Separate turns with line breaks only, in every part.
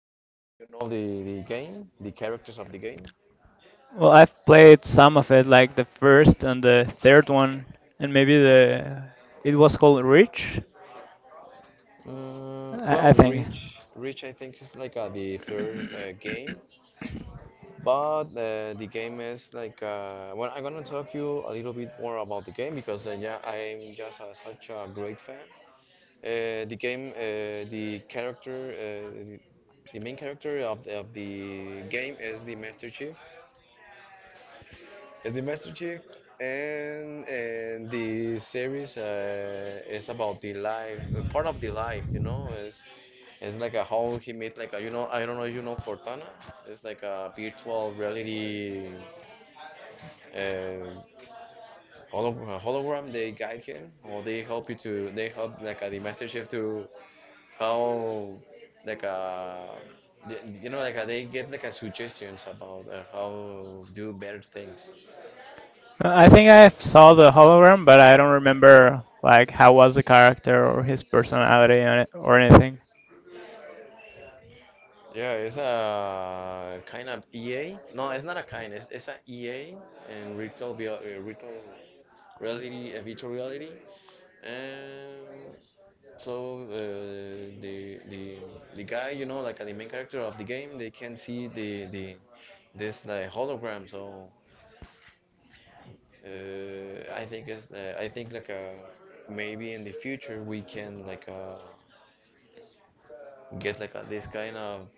I don't know if you know the game, the characters of the game.
Well, I've played some of it, like the first and the third one, and maybe the, it was called Reach,
Mm,
I,
well,
I think.
Reach, I think is like the third game. But The game is like well, I'm gonna talk you a little bit more about the game because yeah, I'm just such a great fan. The game, the character, the main character of of the game is the Master Chief. Is the Master Chief, and the series is about the life, part of the life, is it's like a how he meet like a, I don't know if you know Cortana. It's like a virtual reality uh, hologram, they guide him or they help like the master chef to how like the- you know like they give like suggestions about how do better things.
I think I saw the hologram, but I don't remember like how was the character or his personality on it or anything.
Yeah, it's a kind of ea. No, it's not a kind. It's a ea and virtual virtual reality virtual reality. Um so uh, the the the guy, like the main character of the game, they can see the this like hologram. So I think it's I think like maybe in the future we can like get like this kind of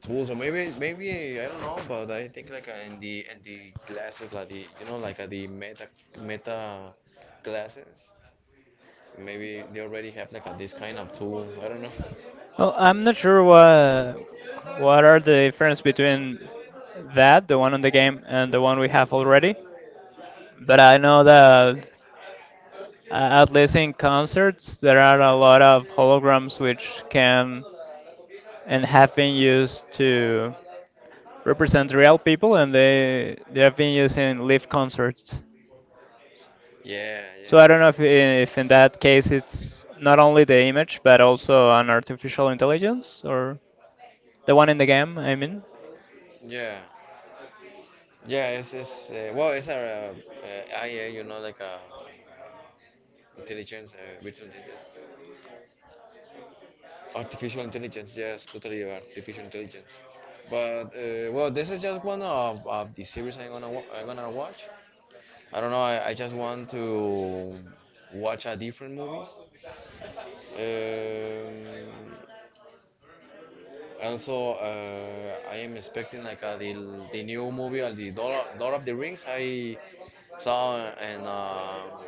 tools. Or maybe I don't know, but I think like in the glasses like the like the meta glasses maybe they already have like this kind of tool. I don't know.
Well, I'm not sure what are the difference between that, the one on the game, and the one we have already. But I know that at least in concerts, there are a lot of holograms which can and have been used to represent real people, and they have been used in live concerts.
Yeah,
So I don't
yeah,
know if in that case it's not only the image but also an artificial intelligence or the one in the game, I mean.
yeah, yeah, it's well, it's a IA, like intelligence, virtual intelligence. Artificial intelligence, yes, totally artificial intelligence. But well, this is just one of the series I'm gonna wa I'm gonna watch. I don't know. I just want to watch a different movies. Um, Also, I am expecting like the new movie, the Lord of the Rings. I saw, and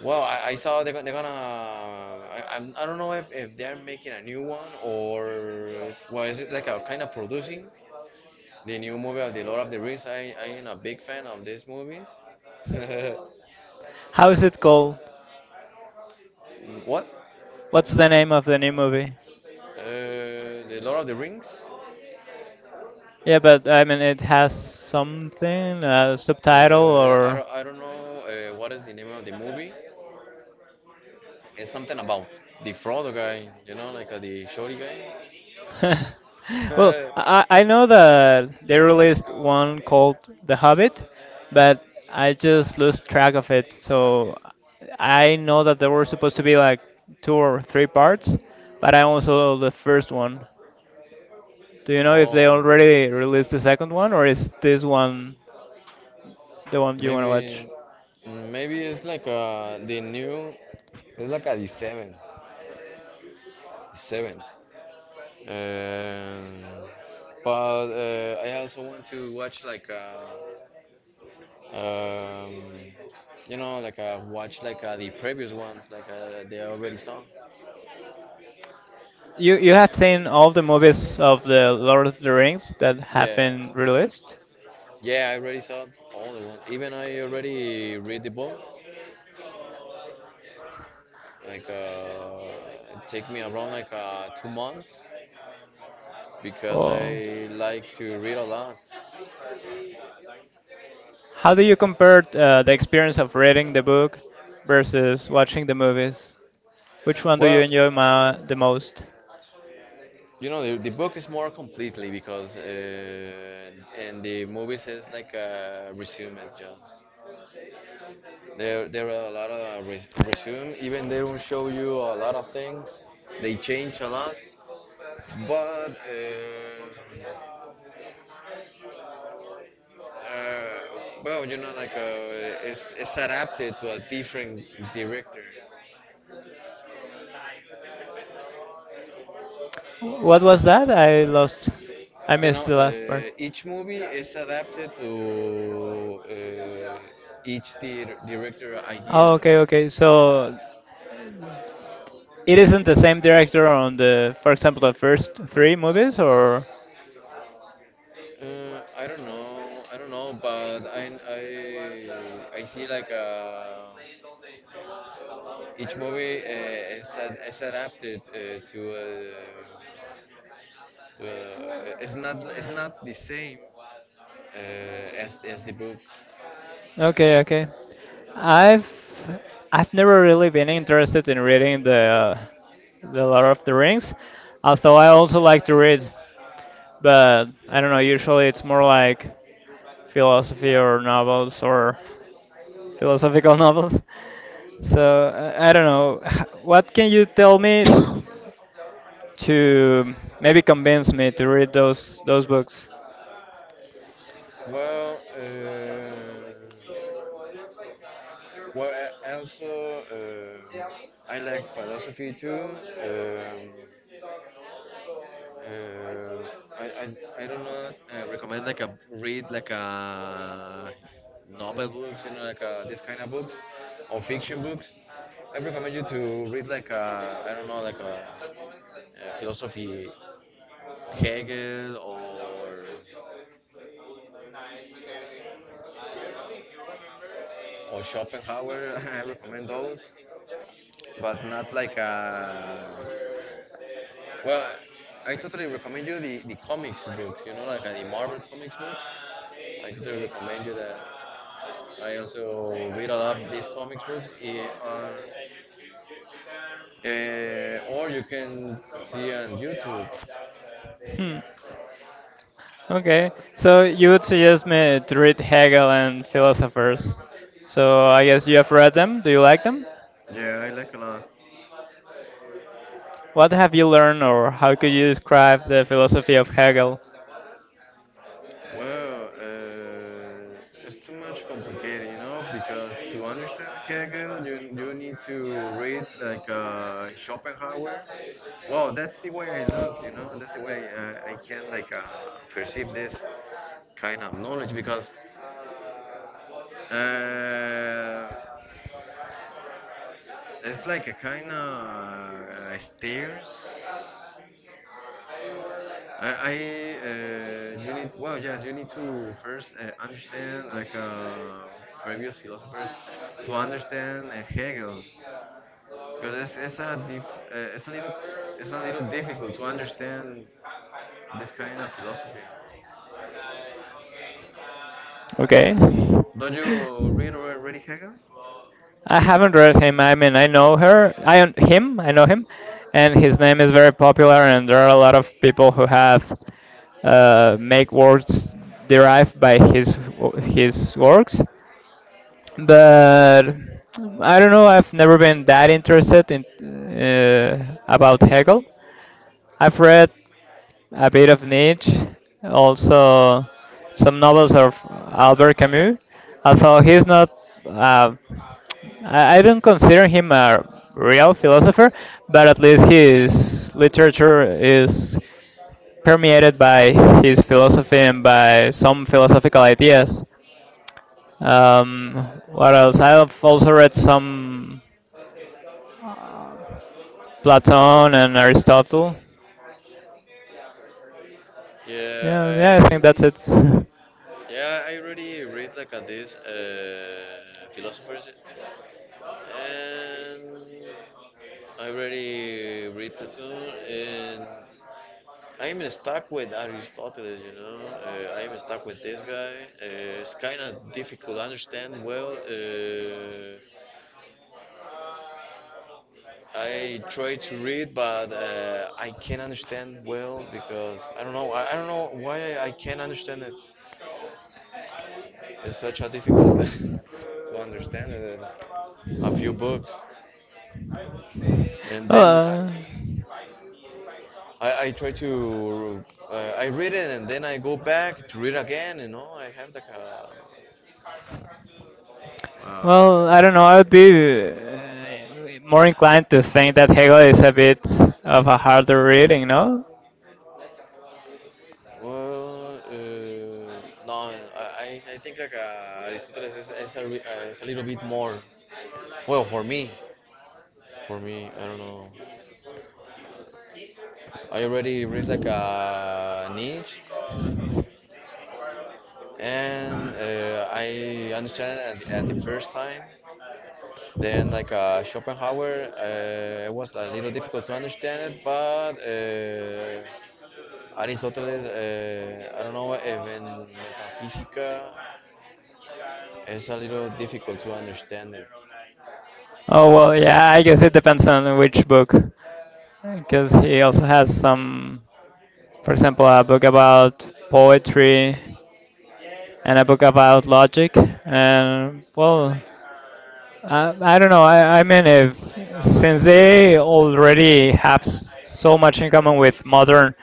well, I saw they're, they're gonna. I don't know if they're making a new one, or. Well, is it like a kind of producing the new movie of The Lord of the Rings? I am a big fan of these movies.
How is it called?
What?
What's the name of the new movie?
Uh, the Lord of the Rings?
Yeah, but I mean, it has something, a subtitle or.
I don't know what is the name of the movie. It's something about the Frodo guy, like the shorty guy.
Well, I know that they released one called The Hobbit, but I just lost track of it. So I know that there were supposed to be like two or three parts, but I also saw the first one. Do you know if they
Oh.
already released the second one, or is this one the one you want to watch?
Maybe, maybe it's like the new, it's like a the seventh, the seventh. Um, but I also want to watch like um, like watch like the previous ones, like they already saw.
You have seen all the movies of the Lord of the Rings that have
Yeah,
been released?
yeah, I already saw all the ones. Even I already read the book. Like it take me around like 2 months because
Or
I like to read a lot.
how do you compare the experience of reading the book versus watching the movies? Which one do you
Well,
enjoy ma the most?
the book is more completely, because, and the movies is like a resume just. There are a lot of resume. Even they don't show you a lot of things. They change a lot, but uh, well, like it's adapted to a different director.
What was that? I lost. I
You
missed
know,
the last part.
each movie is adapted to each director
Oh,
idea.
okay, okay. So it isn't the same director on the, for example, the first three movies, or
I don't know. I don't know, but I see like each movie is adapted to it's not the same as the book.
okay, okay. I've I've never really been interested in reading the Lord of the Rings, although I also like to read, but I don't know. Usually, it's more like philosophy or novels or philosophical novels. So I don't know. What can you tell me to maybe convince me to read those books.
Well, well, I also I like philosophy too. Um, Uh, I do not recommend like a read like a novel books, you know, like this kind of books or fiction books. I recommend you to read like a, I don't know, like a, philosophy Hegel or Schopenhauer. I recommend those, but not like a, well. I totally recommend you the comics books. You know, like the Marvel comics books. I totally recommend you that. I also read a lot of these comic books on, or you can see on YouTube.
Hmm. Okay, so you would suggest me to read Hegel and philosophers. So I guess you have read them. Do you like them?
Yeah, I like a lot.
What have you learned, or how could you describe the philosophy of Hegel?
Well, it's too much complicated, you know, because to understand Hegel, you need to read like Schopenhauer. Well, that's the way I look, you know. That's the way I can like perceive this kind of knowledge because uh, it's like a kind of stairs. I You need, well, yeah, you need to first understand like previous philosophers to understand Hegel, because it's a little difficult to understand this kind of philosophy.
Okay.
Don't you read already Hegel?
I haven't read him. I mean, I know her. I un- him. I know him, and his name is very popular. And there are a lot of people who have make words derived by his works. But I don't know. I've never been that interested in about Hegel. I've read a bit of Nietzsche, also some novels of Albert Camus. Although he's not, uh, I don't consider him a real philosopher, but at least his literature is permeated by his philosophy and by some philosophical ideas. What else? I've also read some uh, Platon and Aristotle.
Yeah,
Yeah, yeah, I think that's it.
yeah, I already read like these philosophers, and I already read Plato, and I am stuck with Aristoteles, you know. I am stuck with this guy. It's kind of difficult to understand well. I try to read, but I can't understand well because I don't know. I don't know why I can't understand it. It's such a difficult to understand it. A few books, and then
Uh,
I try to I read it, and then I go back to read again. You know, I have like a
well,
few.
I don't know. I would be more inclined to think that Hegel is a bit of a harder reading, no?
Well, no, I think like Aristoteles is a little bit more. Well, for me, I don't know. I already read like a niche, and I understand at at the first time. Then like Schopenhauer, it was a little difficult to understand it, but Aristoteles, I don't know if in metaphysica, it's a little difficult to understand it.
Oh well, yeah. I guess it depends on which book, because he also has some, for example, a book about poetry and a book about logic, and well, I don't know. I mean, if since they already have so much in common with modern,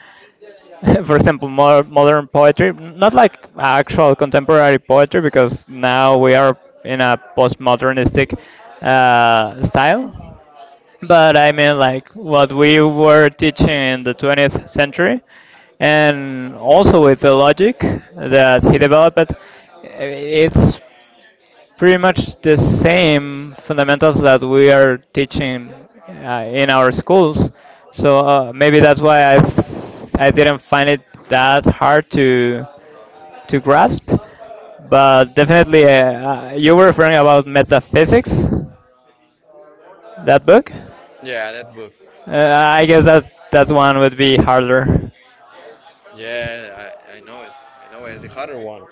for example, modern poetry, not like actual contemporary poetry, because now we are in a postmodernistic style. But I mean, like what we were teaching in the 20th century, and also with the logic that he developed, it's pretty much the same fundamentals that we are teaching in our schools. So maybe that's why I didn't find it that hard to grasp. But definitely, you were referring about metaphysics, that book.
Yeah, that book.
Uh, I guess that that one would be harder.
Yeah, I know it. I know it. It's the harder one.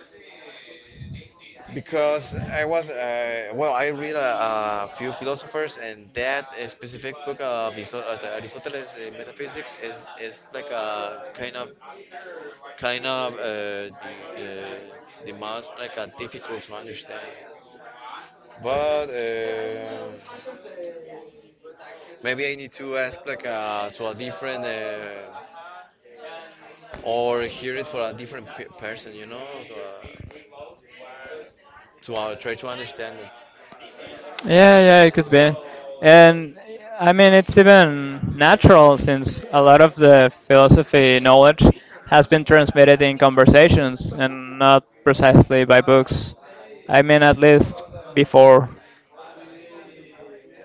Because I was, well, I read a few philosophers, and that specific book of Aristotle's metaphysics is like a kind of uh, the most like a difficult to understand. But maybe I need to ask like to a different or hear it for a different person, you know, to try to understand it.
Yeah, yeah, it could be. And I mean, it's even natural since a lot of the philosophy knowledge has been transmitted in conversations and not precisely by books. I mean, at least before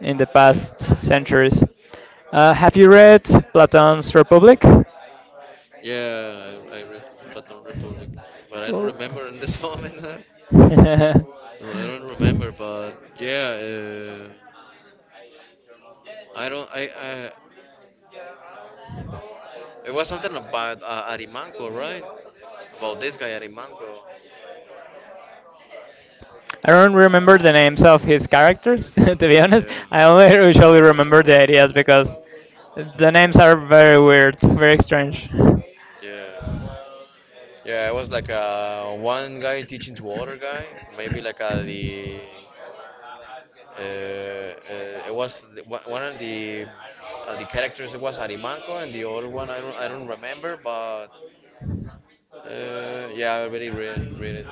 in the
Yeah,
past centuries. Have you read Plato's Republic?
yeah, I read Platon Republic, but I don't
Oh.
remember in this moment. Huh? No, I don't remember, but yeah, I don't. I It was something about Arimanco, right? About this guy Arimanco.
I don't remember the names of his characters, to be honest.
Yeah,
I only usually remember the ideas because the names are very weird, very strange. Do
yeah. Yeah, it was like one guy teaching to other guy, maybe like the it was one of the characters. It was Arimanco, and the other one I don't remember, but yeah, I already read it.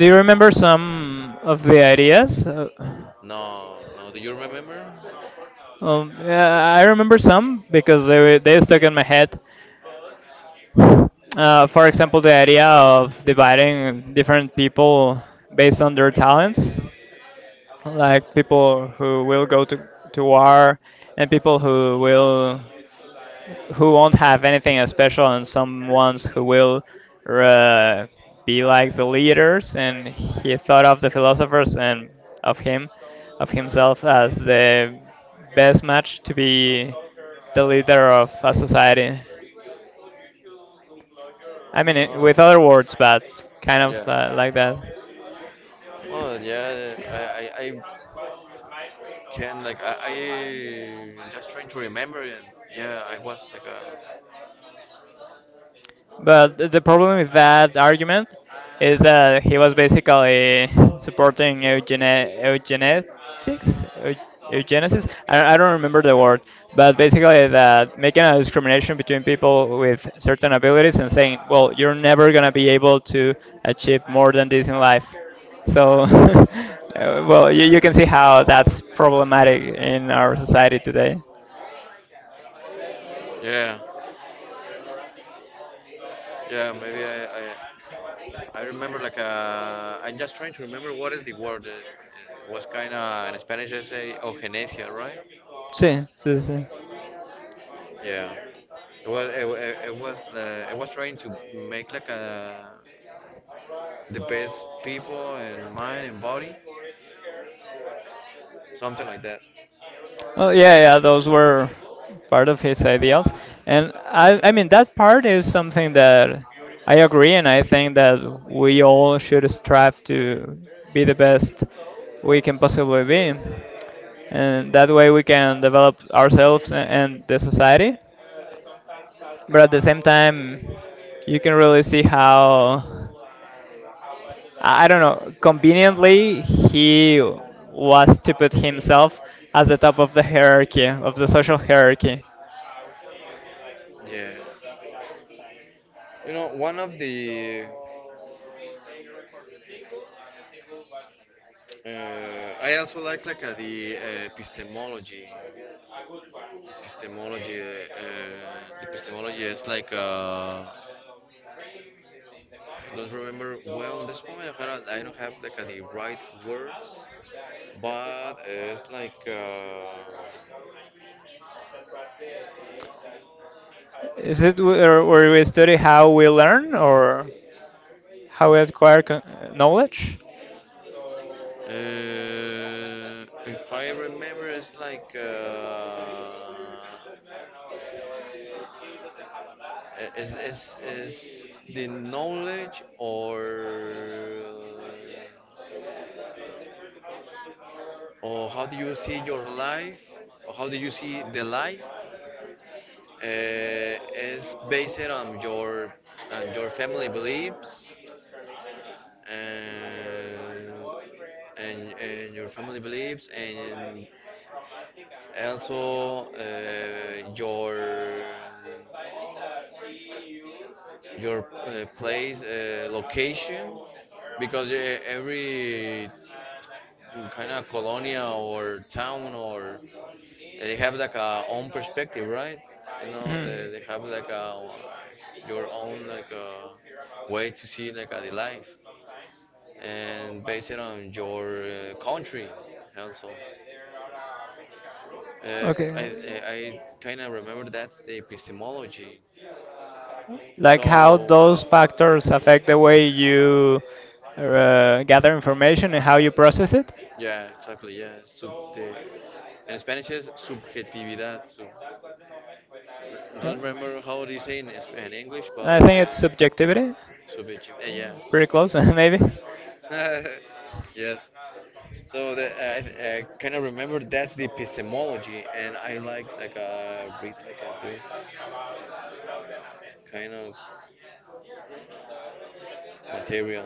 you remember some of the ideas? Uh,
No, no, do you remember?
um, yeah, I remember some because they stuck in my head. For example, the idea of dividing different people based on their talents, like people who will go to war and people who won't have anything special and some ones who will uh, be like the leaders, and he thought of the philosophers and of him of himself as the best match to be the leader of a society. I mean it,
Oh,
with other words, but kind
yeah.
of like that.
Well, yeah, I can like I just trying to remember it. Yeah, I was like a,
But the problem with that argument is that he was basically supporting eugenetics, eugenesis. I don't remember the word, but basically that making a discrimination between people with certain abilities and saying, well, you're never gonna be able to achieve more than this in life. So, well, you can see how that's problematic in our society today.
yeah, yeah. Maybe I remember like a. I'm just trying to remember what is the word. It was kind of in Spanish. I say eugenesia, right?
Sí, sí, sí.
Yeah. It was it, it, it was the I was trying to make like a, the best people in mind and body, something like that.
Well, yeah, yeah, those were part of his ideals, and I mean, that part is something that I agree, and I think that we all should strive to be the best we can possibly be, and that way we can develop ourselves and the society. But at the same time, you can really see how I don't know. Conveniently, he was to put himself as the top of the hierarchy, of the social hierarchy.
You know, one of the so maybe I also like the epistemology. Epistemology, the epistemology is like I don't remember well in this moment. I don't have like the right words, but it's like
Is it or where we study how we learn or how we acquire knowledge?
if I remember, it's like is the knowledge, or how do you see your life, or how do you see the life, is based on your family beliefs, and your family beliefs, and also your place location, because every kind of colonia or town or they have like a own perspective, right? You know, they,
Mhm.
they have like a your own like a way to see like a, the life, and based it on your country also. Uh,
Okay.
I I kind of remember that's the epistemology.
Like how
So
those factors affect the way you gather information and how you process it?
yeah, exactly. Yeah, sub the in Spanish is subjetividad. So. Don't remember how they say in, in English,
I
but
think it's subjectivity.
subjective. Yeah,
Pretty close, maybe.
subjective. Yes. So I kind of remember that's the epistemology, and I like read like this kind of material.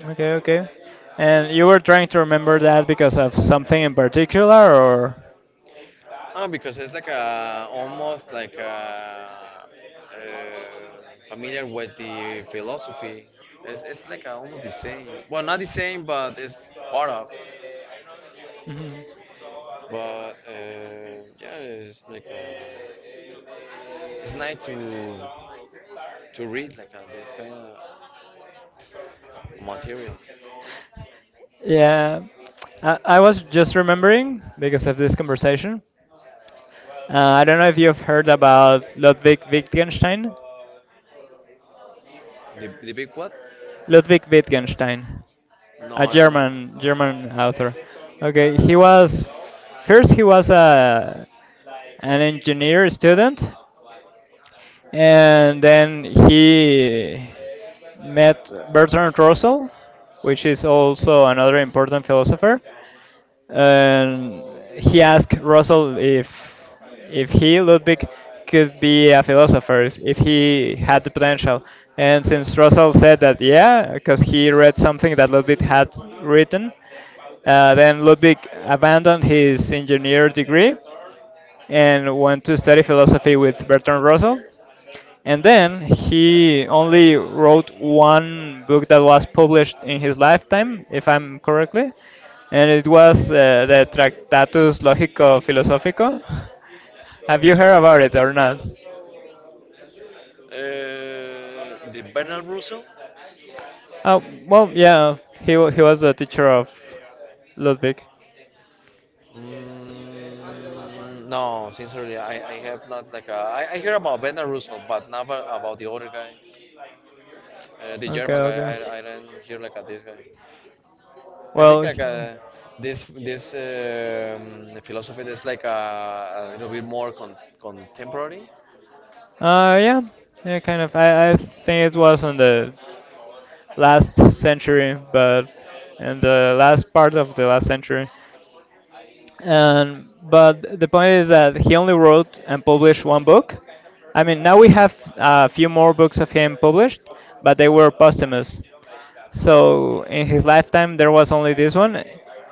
Okay, okay. And you were trying to remember that because of something in particular, or?
Ah, because it's like a almost like a, uh, familiar with the philosophy. It's like a, almost the same. Well, not the same, but it's part of.
Mhm.
But yeah, it's like it's nice to read like this kind of materials.
Yeah, I was just remembering because of this conversation. I don't know if you've heard about Ludwig Wittgenstein.
The big what?
Ludwig Wittgenstein,
No,
a
I don't know.
German author. Okay, he was first he was a an engineer student, and then he met Bertrand Russell, which is also another important philosopher, and he asked Russell if he Ludwig could be a philosopher, if he had the potential. And since Russell said that yeah, because he read something that Ludwig had written, then Ludwig abandoned his engineer degree and went to study philosophy with Bertrand Russell. And then he only wrote one book that was published in his lifetime, if I'm correctly, and it was the Tractatus Logico Philosophico. Have you heard about it or not?
The Bernard Russell.
Oh, well, yeah, he was a teacher of Ludwig.
Mm, no, sincerely, I have not like a, I hear about Bernard Russell, but never about the other guy, the
Okay,
German guy.
okay.
I didn't hear like a, this guy. I think
Well,
like a, this philosophy is like a little bit more contemporary.
yeah, yeah, kind of. I think it was on the last century, but in the last part of the last century. But the point is that he only wrote and published one book. I mean, now we have a few more books of him published, but they were posthumous. So in his lifetime, there was only this one,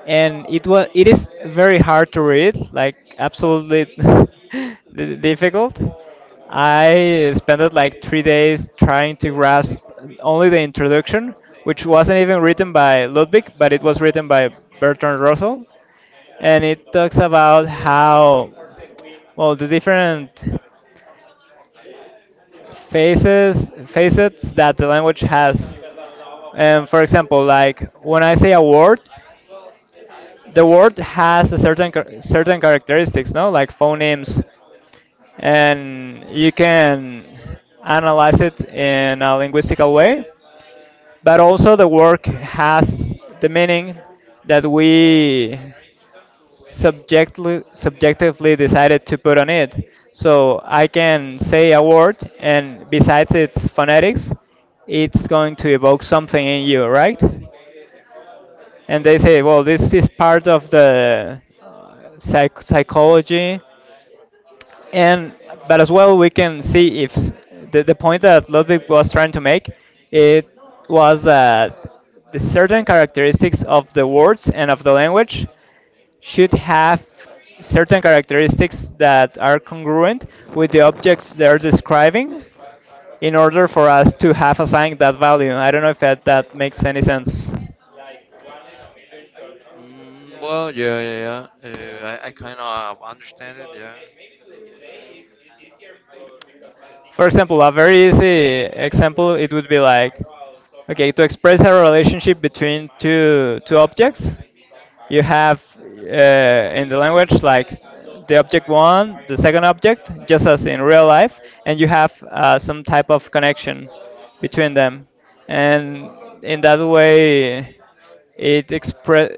and it is very hard to read, like absolutely difficult. I spent like 3 days trying to grasp only the introduction, which wasn't even written by Ludwig, but it was written by Bertrand Russell, and it talks about how well the different faces facets that the language has. And for example, like when I say a word, the word has a certain certain characteristics, no, like phonemes, and you can analyze it in a linguistical way. But also the word has the meaning that we subjectively decided to put on it. So I can say a word, and besides its phonetics, it's going to evoke something in you, right? And they say, well, this is part of the psychology, and but as well we can see, if s- the point that Ludwig was trying to make, it was that the certain characteristics of the words and of the language should have certain characteristics that are congruent with the objects they're describing, in order for us to have assigned that value. I don't know if that makes any sense.
Mm, well, yeah, yeah, yeah. I kind of understand it, yeah.
For example, a very easy example, it would be like, okay, to express a relationship between two objects, you have in the language like the object one, the second object, just as in real life, and you have some type of connection between them, and in that way, it express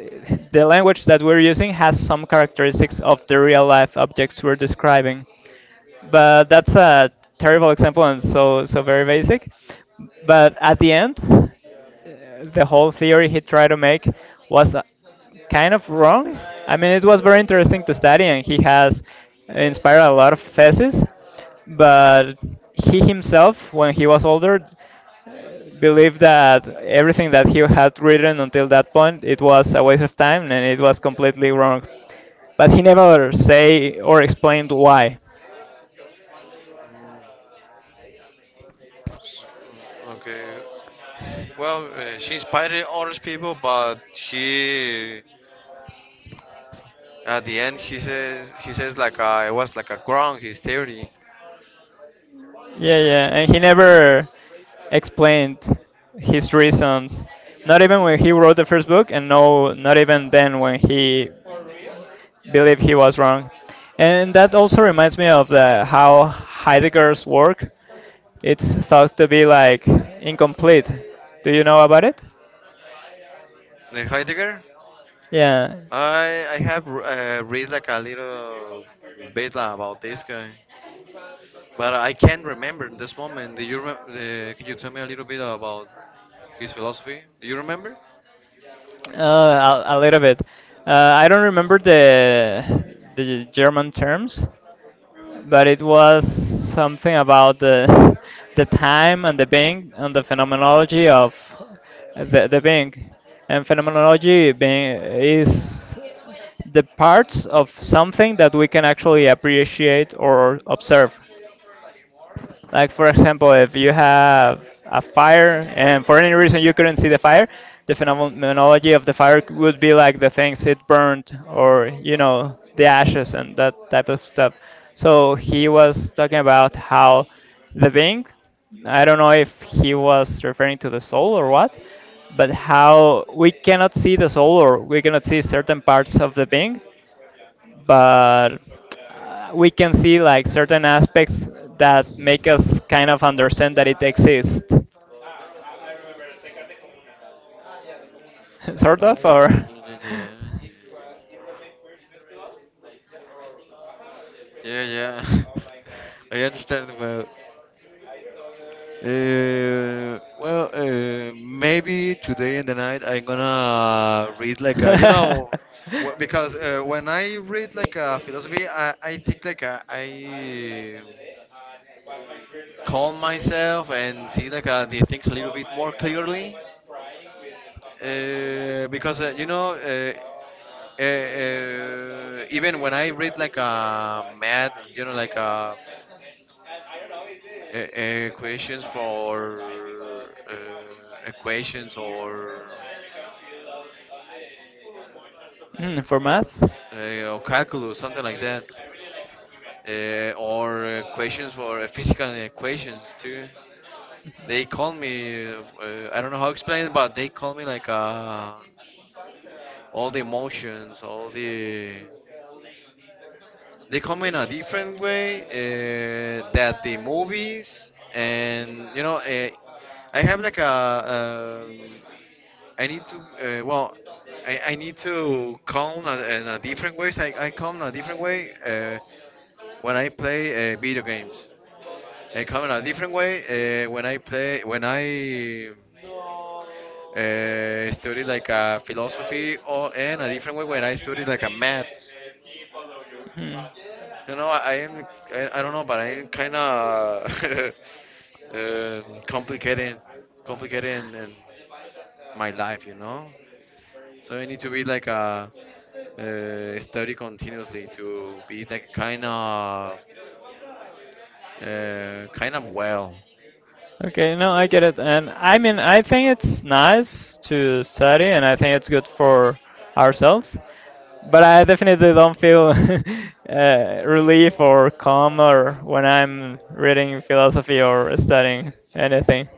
the language that we're using has some characteristics of the real life objects we're describing, but that's a terrible example and so very basic. But at the end, the whole theory he tried to make was kind of wrong. I mean, it was very interesting to study, and he has inspired a lot of theses. But he himself, when he was older, uh, believed that everything that he had written until that point, it was a waste of time and it was completely wrong. But he never say or explained why.
Okay. Well, she inspired other people, but she, at the end, he says like I was like a ground his theory.
Yeah, yeah, and he never explained his reasons. Not even when he wrote the first book, and no, not even then when he believed he was wrong. And that also reminds me of the how Heidegger's work. It's thought to be like incomplete. Do you know about it?
Heidegger,
Yeah,
I have read like a little bit about this guy. But I can't remember in this moment. Do you could you tell me a little bit about his philosophy? Do you remember?
uh, a little bit. I don't remember the German terms, but it was something about the the time and the being and the phenomenology of the being. And phenomenology being is the parts of something that we can actually appreciate or observe. Like for example, if you have a fire and for any reason you couldn't see the fire, the phenomenology of the fire would be like the things it burned, or you know, the ashes and that type of stuff. So he was talking about how the being, I don't know if he was referring to the soul or what, but how we cannot see the soul or we cannot see certain parts of the being, but we can see like certain aspects that make us kind of understand that it exists, sort of,
Oh,
or
yeah, yeah. Yeah, yeah. I understand well. Well, maybe today in the night I'm gonna read like a, you know, because when I read like a philosophy, I think like a, I calm myself and see like the things a little bit more clearly. Because you know, even when I read like a math, you know, like a questions for uh, equations
Hmm, for math.
or calculus, something like that, or equations for physical equations too. They call me, I don't know how to explain it, but they call me like all the emotions, all the they come in a different way that the movies and you know I have like a I need to well I need to in a different ways I come in a different way when I play video games I come in a different way when I play when I study like a philosophy or in a different way when I study like a math
Hmm.
you know, I am. I don't know, but I am kind of complicated, complicated in my life. You know, so I need to be like a study continuously to be like kind of well.
Okay, no, I get it. And I mean, I think it's nice to study and I think it's good for ourselves. But I definitely don't feel relief or calm or when I'm reading philosophy or studying anything.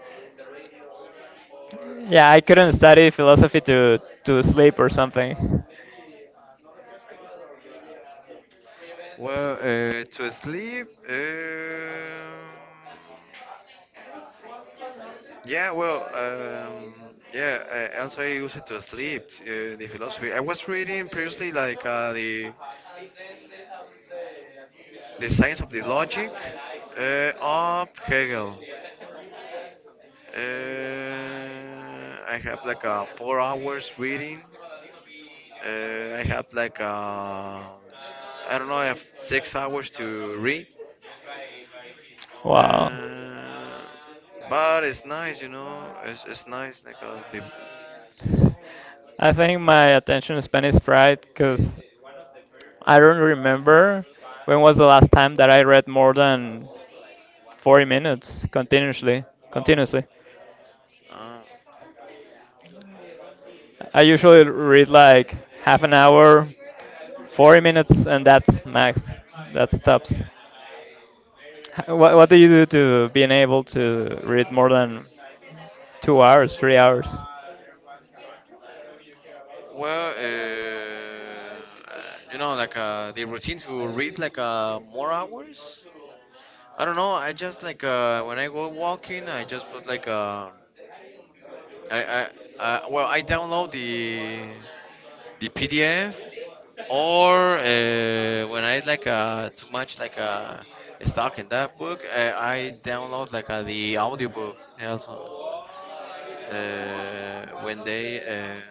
Yeah, I couldn't study philosophy to sleep or something.
Well, to sleep, yeah, well, yeah, I, also I use it to sleep, the philosophy. I was reading previously like the science of the logic of Hegel. Uh, I have like a 4 hours reading. I have like I don't know. I have 6 hours to read,
Wow.
uh, but it's nice, you know. It's nice. Like the
I think my attention span is fried because I don't remember when was the last time that I read more than 40 minutes continuously. Continuously.
uh,
I usually read like half an hour, 40 minutes, and that's max. That stops. What do you do to being able to read more than 2 hours, 3 hours?
well, you know, like the routines we will read like more hours. I don't know. I just like when I go walking, I just put like I well, I download the PDF. Or when I like too much like stuck in that book, I download like the audiobook also. When they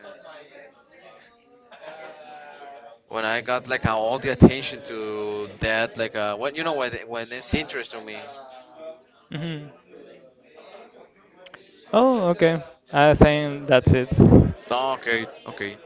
when I got like all the attention to that, like when you know when it's interest to me.
Hmm. Oh, okay. I think that's it.
Oh, okay.